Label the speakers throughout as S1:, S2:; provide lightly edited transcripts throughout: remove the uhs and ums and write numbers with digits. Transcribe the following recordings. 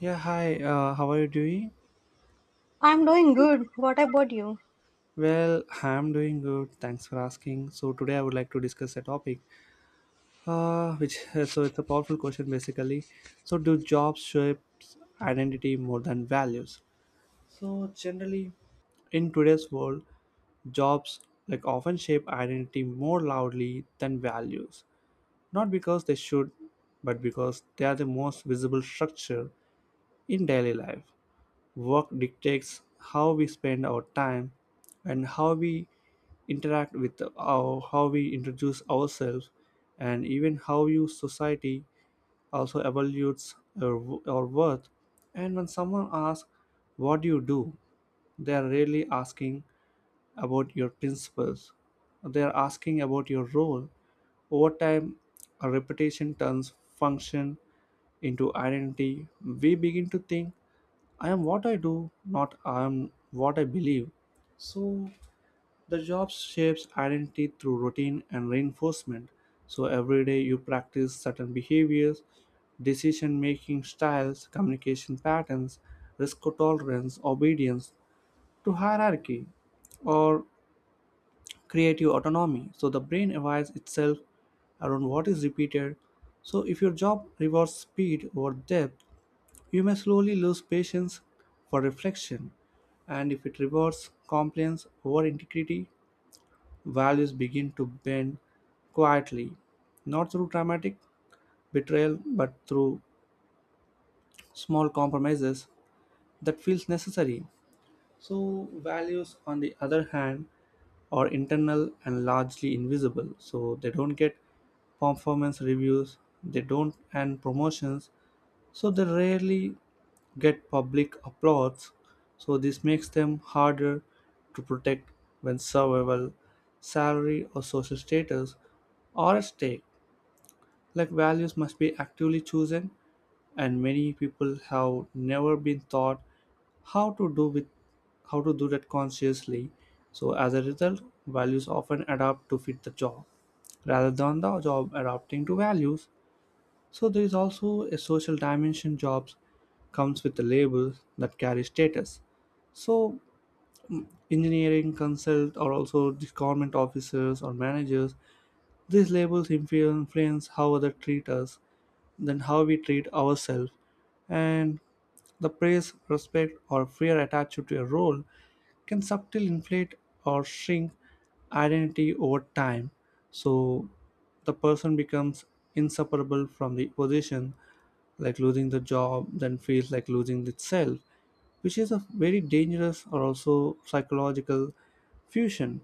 S1: Yeah, hi. How are you doing?
S2: I'm doing good. What about you?
S1: Well, I'm doing good. Thanks for asking. So today I would like to discuss a topic, which so it's a powerful question basically. So do jobs shape identity more than values? So generally, in today's world, jobs like often shape identity more loudly than values. Not because they should, but because they are the most visible structure in daily life. Work dictates how we spend our time and how we interact with our, how we introduce ourselves and even how you society also evaluates our worth and when someone asks what do you do they are really asking about your principles, they are asking about your role. Over time a repetition turns function into identity. We begin to think I am what I do, not I am what I believe. So the job shapes identity through routine and reinforcement. So every day you practice certain behaviors, decision making styles, communication patterns, risk tolerance, obedience to hierarchy or creative autonomy. So the brain evolves itself around what is repeated. So if your job rewards speed over depth, you may slowly lose patience for reflection, and if it rewards compliance over integrity, values begin to bend quietly, not through dramatic betrayal, but through small compromises that feels necessary. So values, on the other hand, are internal and largely invisible, so they don't get performance reviews, they don't and promotions, so they rarely get public applause. So this makes them harder to protect when survival, salary or social status are at stake. Like values must be actively chosen and many people have never been taught how to do with how to do that consciously. So as a result values often adapt to fit the job rather than the job adapting to values. So there is also a social dimension, jobs comes with a label that carries status. So engineering consult or also the government officers or managers, these labels influence how others treat us, then how we treat ourselves. And the praise, respect or fear attached to a role can subtly inflate or shrink identity over time. So the person becomes inseparable from the position, like losing the job then feels like losing itself, which is a very dangerous or also psychological fusion.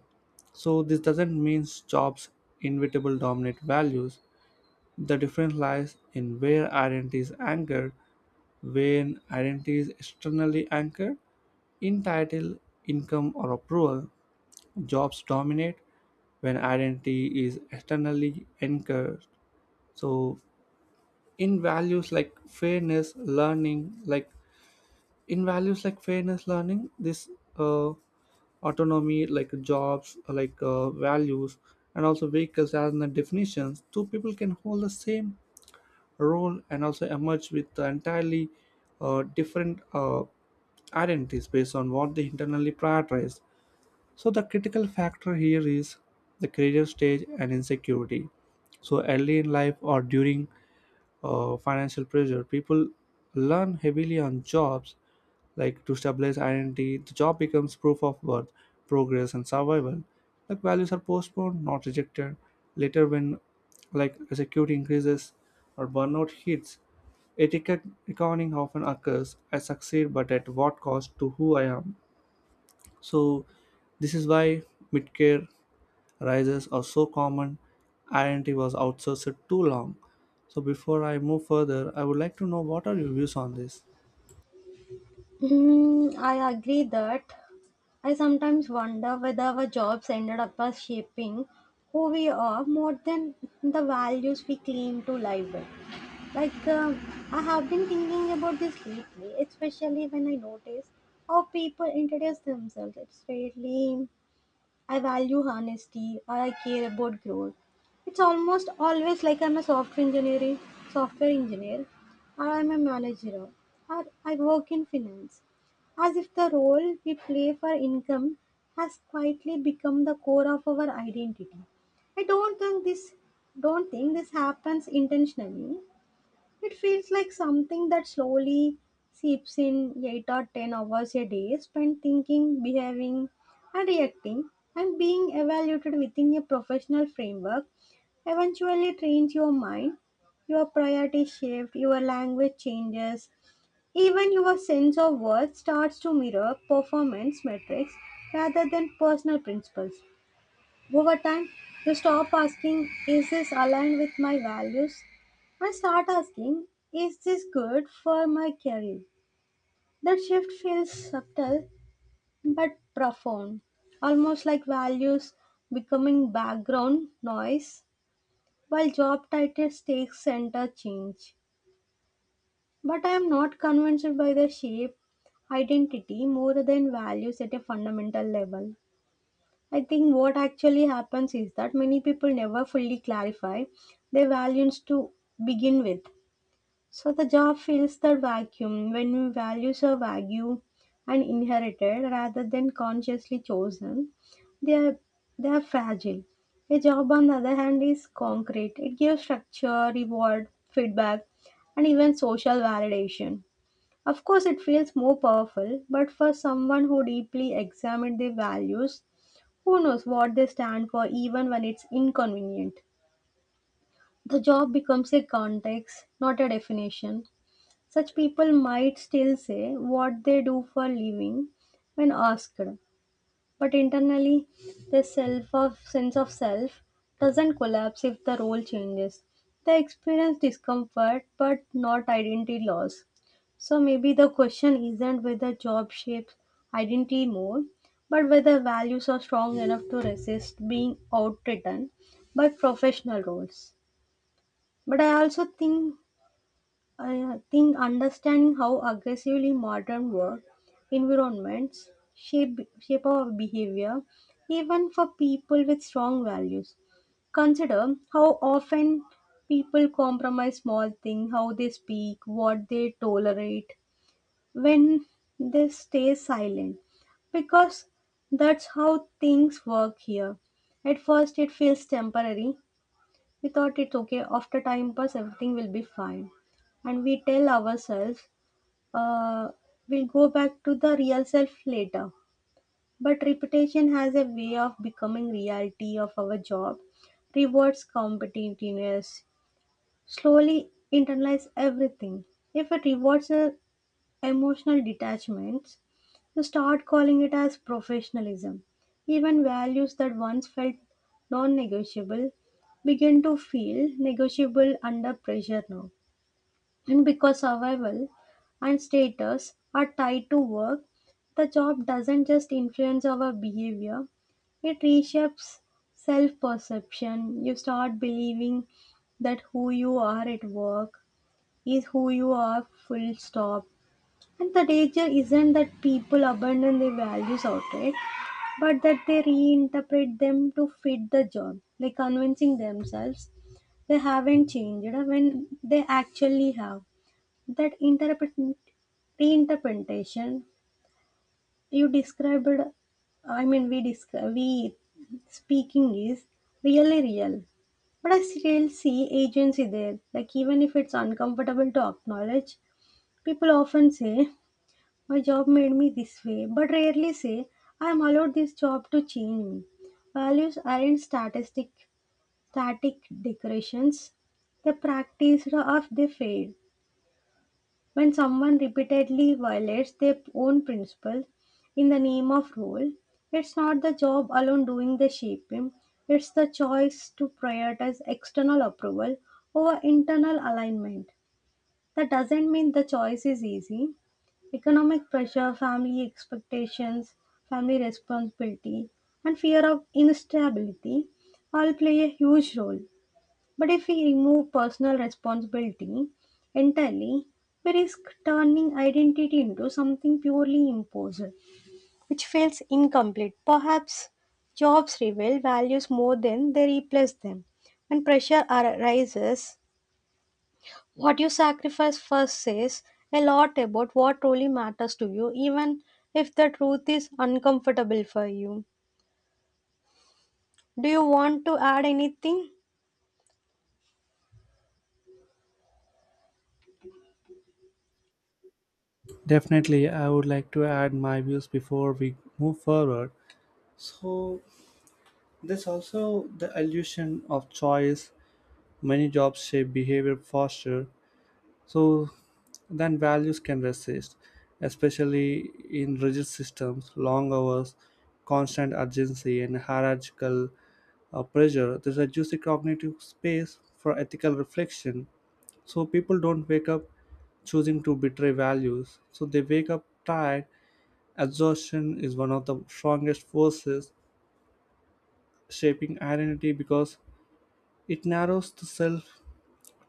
S1: So this doesn't mean jobs inevitable dominate values. The difference lies in where identity is anchored. When identity is externally anchored in title, income, or approval, jobs dominate when identity is externally anchored. So, in values like fairness learning like in values like fairness learning this uh, autonomy like jobs like values and also vehicles as in the definitions, two people can hold the same role and also emerge with entirely different identities based on what they internally prioritize. So the critical factor here is the career stage and insecurity. So early in life or during financial pressure. People learn heavily on jobs, like to stabilize identity. The job becomes proof of worth, progress, and survival. Like values are postponed, not rejected. Later, when like security increases or burnout hits, etiquette accounting often occurs. I succeed, but at what cost to who I am? So, this is why mid-care rises are so common, identity was outsourced too long. So before I move further, I would like to know what are your views on this?
S2: Hmm, I agree that I sometimes wonder whether our jobs ended up as shaping who we are more than the values we claim to live with. Like, I have been thinking about this lately, especially when I notice how people introduce themselves. It's really I value honesty or I care about growth. It's almost always like I'm a software engineer or I'm a manager or I work in finance. As if the role we play for income has quietly become the core of our identity. I don't think this happens intentionally. It feels like something that slowly seeps in 8 or 10 hours a day spent thinking, behaving, and reacting, and being evaluated within a professional framework. Eventually, trains your mind, your priorities shift, your language changes, even your sense of worth starts to mirror performance metrics rather than personal principles. Over time, you stop asking, is this aligned with my values? And start asking, is this good for my career? That shift feels subtle but profound, almost like values becoming background noise while job titles take center change. But I am not convinced by the shape identity more than values at a fundamental level. I think what actually happens is that many people never fully clarify their values to begin with. So the job fills the vacuum when values are vague and inherited rather than consciously chosen. They are, they are fragile. A job, on the other hand, is concrete. It gives structure, reward, feedback, and even social validation. Of course, it feels more powerful, but for someone who deeply examined their values, who knows what they stand for even when it's inconvenient? The job becomes a context, not a definition. Such people might still say what they do for living when asked, but internally, the self of sense of self doesn't collapse if the role changes. They experience discomfort but not identity loss. So maybe the question isn't whether job shapes identity more, but whether values are strong enough to resist being outwritten by professional roles. But I also think understanding how aggressively modern work environments shape our behavior, even for people with strong values. Consider how often people compromise small things, how they speak, what they tolerate, when they stay silent, because that's how things work here. At first, it feels temporary, we thought it's okay, after time pass, everything will be fine. And we tell ourselves, uh, we'll go back to the real self later. But reputation has a way of becoming reality of our job, rewards competitiveness, slowly internalize everything. If it rewards a emotional detachments, you start calling it as professionalism. Even values that once felt non negotiable begin to feel negotiable under pressure now. And because survival and status are tied to work, the job doesn't just influence our behavior, it reshapes self perception. You start believing that who you are at work is who you are, full stop. And the danger isn't that people abandon their values outright, but that they reinterpret them to fit the job, like convincing themselves they haven't changed when they actually have. That interpret reinterpretation you described, I mean, we speaking is really real. But I still see agency there. Like even if it's uncomfortable to acknowledge, people often say my job made me this way, but rarely say I am allowed this job to change me. Values aren't static decorations. They practiced or they fade. When someone repeatedly violates their own principles in the name of rule, it's not the job alone doing the shaping, it's the choice to prioritize external approval over internal alignment. That doesn't mean the choice is easy. Economic pressure, family expectations, family responsibility, and fear of instability all play a huge role. But if we remove personal responsibility entirely, we risk turning identity into something purely imposed, which feels incomplete. Perhaps jobs reveal values more than they replace them. When pressure arises, what you sacrifice first says a lot about what truly matters to you, even if the truth is uncomfortable for you. Do you want to add anything?
S1: Definitely, I would like to add my views before we move forward. So, there's also the illusion of choice. Many jobs shape behavior faster, so then values can resist, especially in rigid systems, long hours, constant urgency, and hierarchical pressure. There's a juicy cognitive space for ethical reflection. So people don't wake up choosing to betray values. So they wake up tired. Exhaustion is one of the strongest forces shaping identity because it narrows the self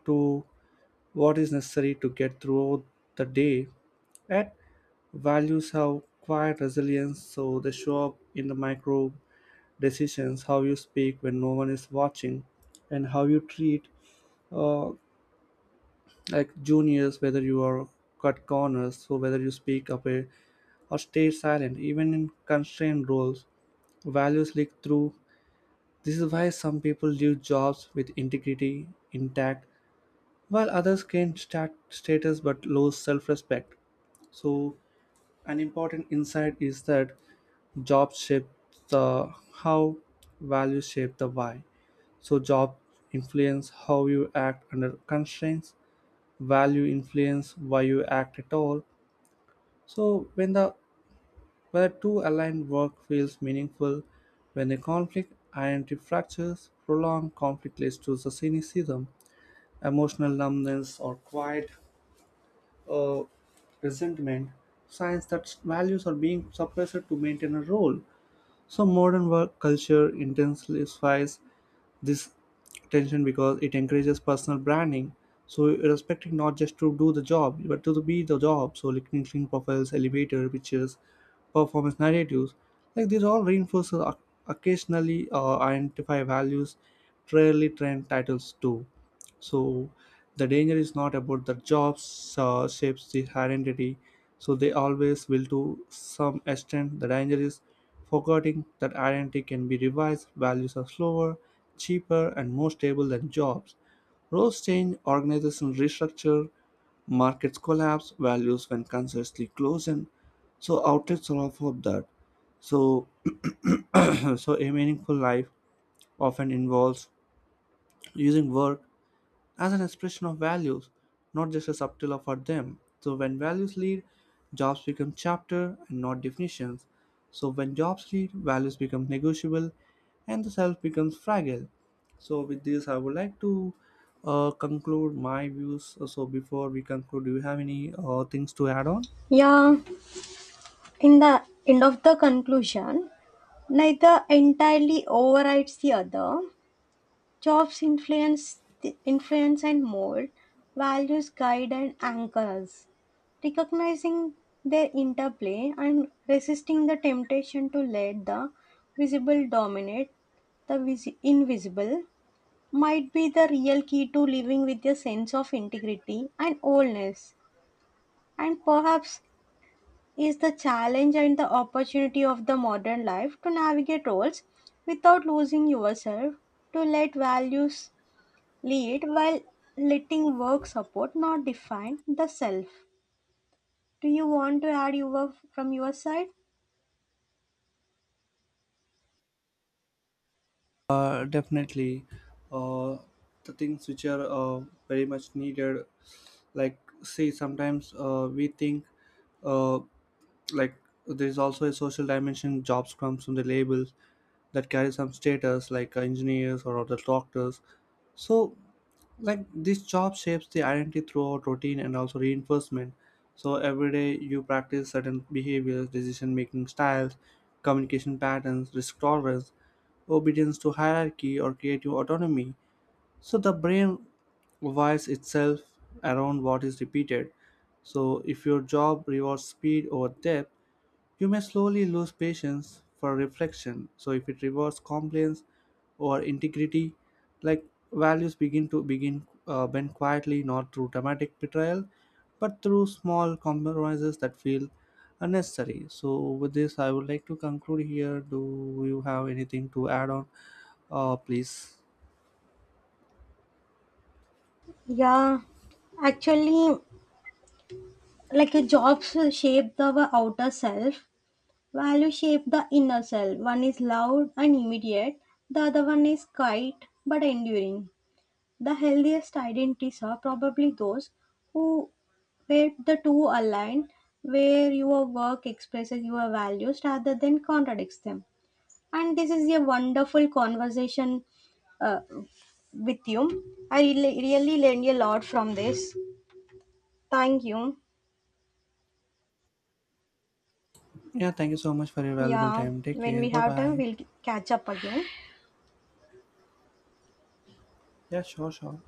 S1: to what is necessary to get through the day. And values have quiet resilience, so they show up in the micro decisions, how you speak when no one is watching, and how you treat uh, like juniors, whether you are cut corners, so whether you speak up, or stay silent. Even in constrained roles values leak through. This is why some people leave jobs with integrity intact while others gain status but lose self-respect. So an important insight is that job shape the how, values shape the why. So job influence how you act under constraints, value influence why you act at all. So when the where two aligned work feels meaningful, when a conflict identity fractures, prolonged conflict leads to the cynicism, emotional numbness, or quiet uh, resentment, signs that values are being suppressed to maintain a role. So modern work culture intensifies this tension because it encourages personal branding. So respecting not just to do the job, but to be the job. So like LinkedIn profiles, elevator pictures, performance narratives, like these all reinforces occasionally identify values, rarely trend titles do. So the danger is not about the jobs shapes the identity. So they always will to some extent. The danger is forgetting that identity can be revised. Values are slower, cheaper, and more stable than jobs. Roles change, organizations restructure, markets collapse, values when consciously close and so outlets are all for that. So so a meaningful life often involves using work as an expression of values, not just a subtitle for them. So when values lead, jobs become chapter and not definitions. So when jobs lead, values become negotiable and the self becomes fragile. So with this, I would like to conclude my views. So before we conclude, do you have any things to add on?
S2: Yeah, in the end of the conclusion, neither entirely overrides the other. Jobs influence and mold, values guide and anchor us. Recognizing their interplay and resisting the temptation to let the visible dominate the invisible might be the real key to living with a sense of integrity and wholeness, and perhaps is the challenge and the opportunity of the modern life to navigate roles without losing yourself, to let values lead while letting work support not define the self. Do you want to add your from your side?
S1: Definitely. Uh, the things which are very much needed, like see, sometimes we think, uh, like there's also a social dimension, jobs comes from the labels that carry some status like engineers or other doctors. So like this job shapes the identity throughout routine and also reinforcement. So every day you practice certain behaviors, decision making styles, communication patterns, risk tolerance, obedience to hierarchy or creative autonomy. So the brain wires itself around what is repeated. So if your job rewards speed over depth you may slowly lose patience for reflection. So if it rewards compliance or integrity, like values begin bend quietly, not through dramatic betrayal, but through small compromises that feel unnecessary. So with this, I would like to conclude here. Do you have anything to add on? Please.
S2: Yeah, actually, like a jobs shape the outer self, value shape the inner self, one is loud and immediate, the other one is quiet but enduring. The healthiest identities are probably those who where the two align, where your work expresses your values rather than contradicts them. And this is a wonderful conversation uh, with you. I really, really learned a lot from this. Thank you.
S1: Yeah, thank you so much for your valuable
S2: Yeah,
S1: time. Take
S2: when
S1: care.
S2: we
S1: Bye
S2: have time,
S1: bye.
S2: we'll catch up again.
S1: Yeah, sure, sure.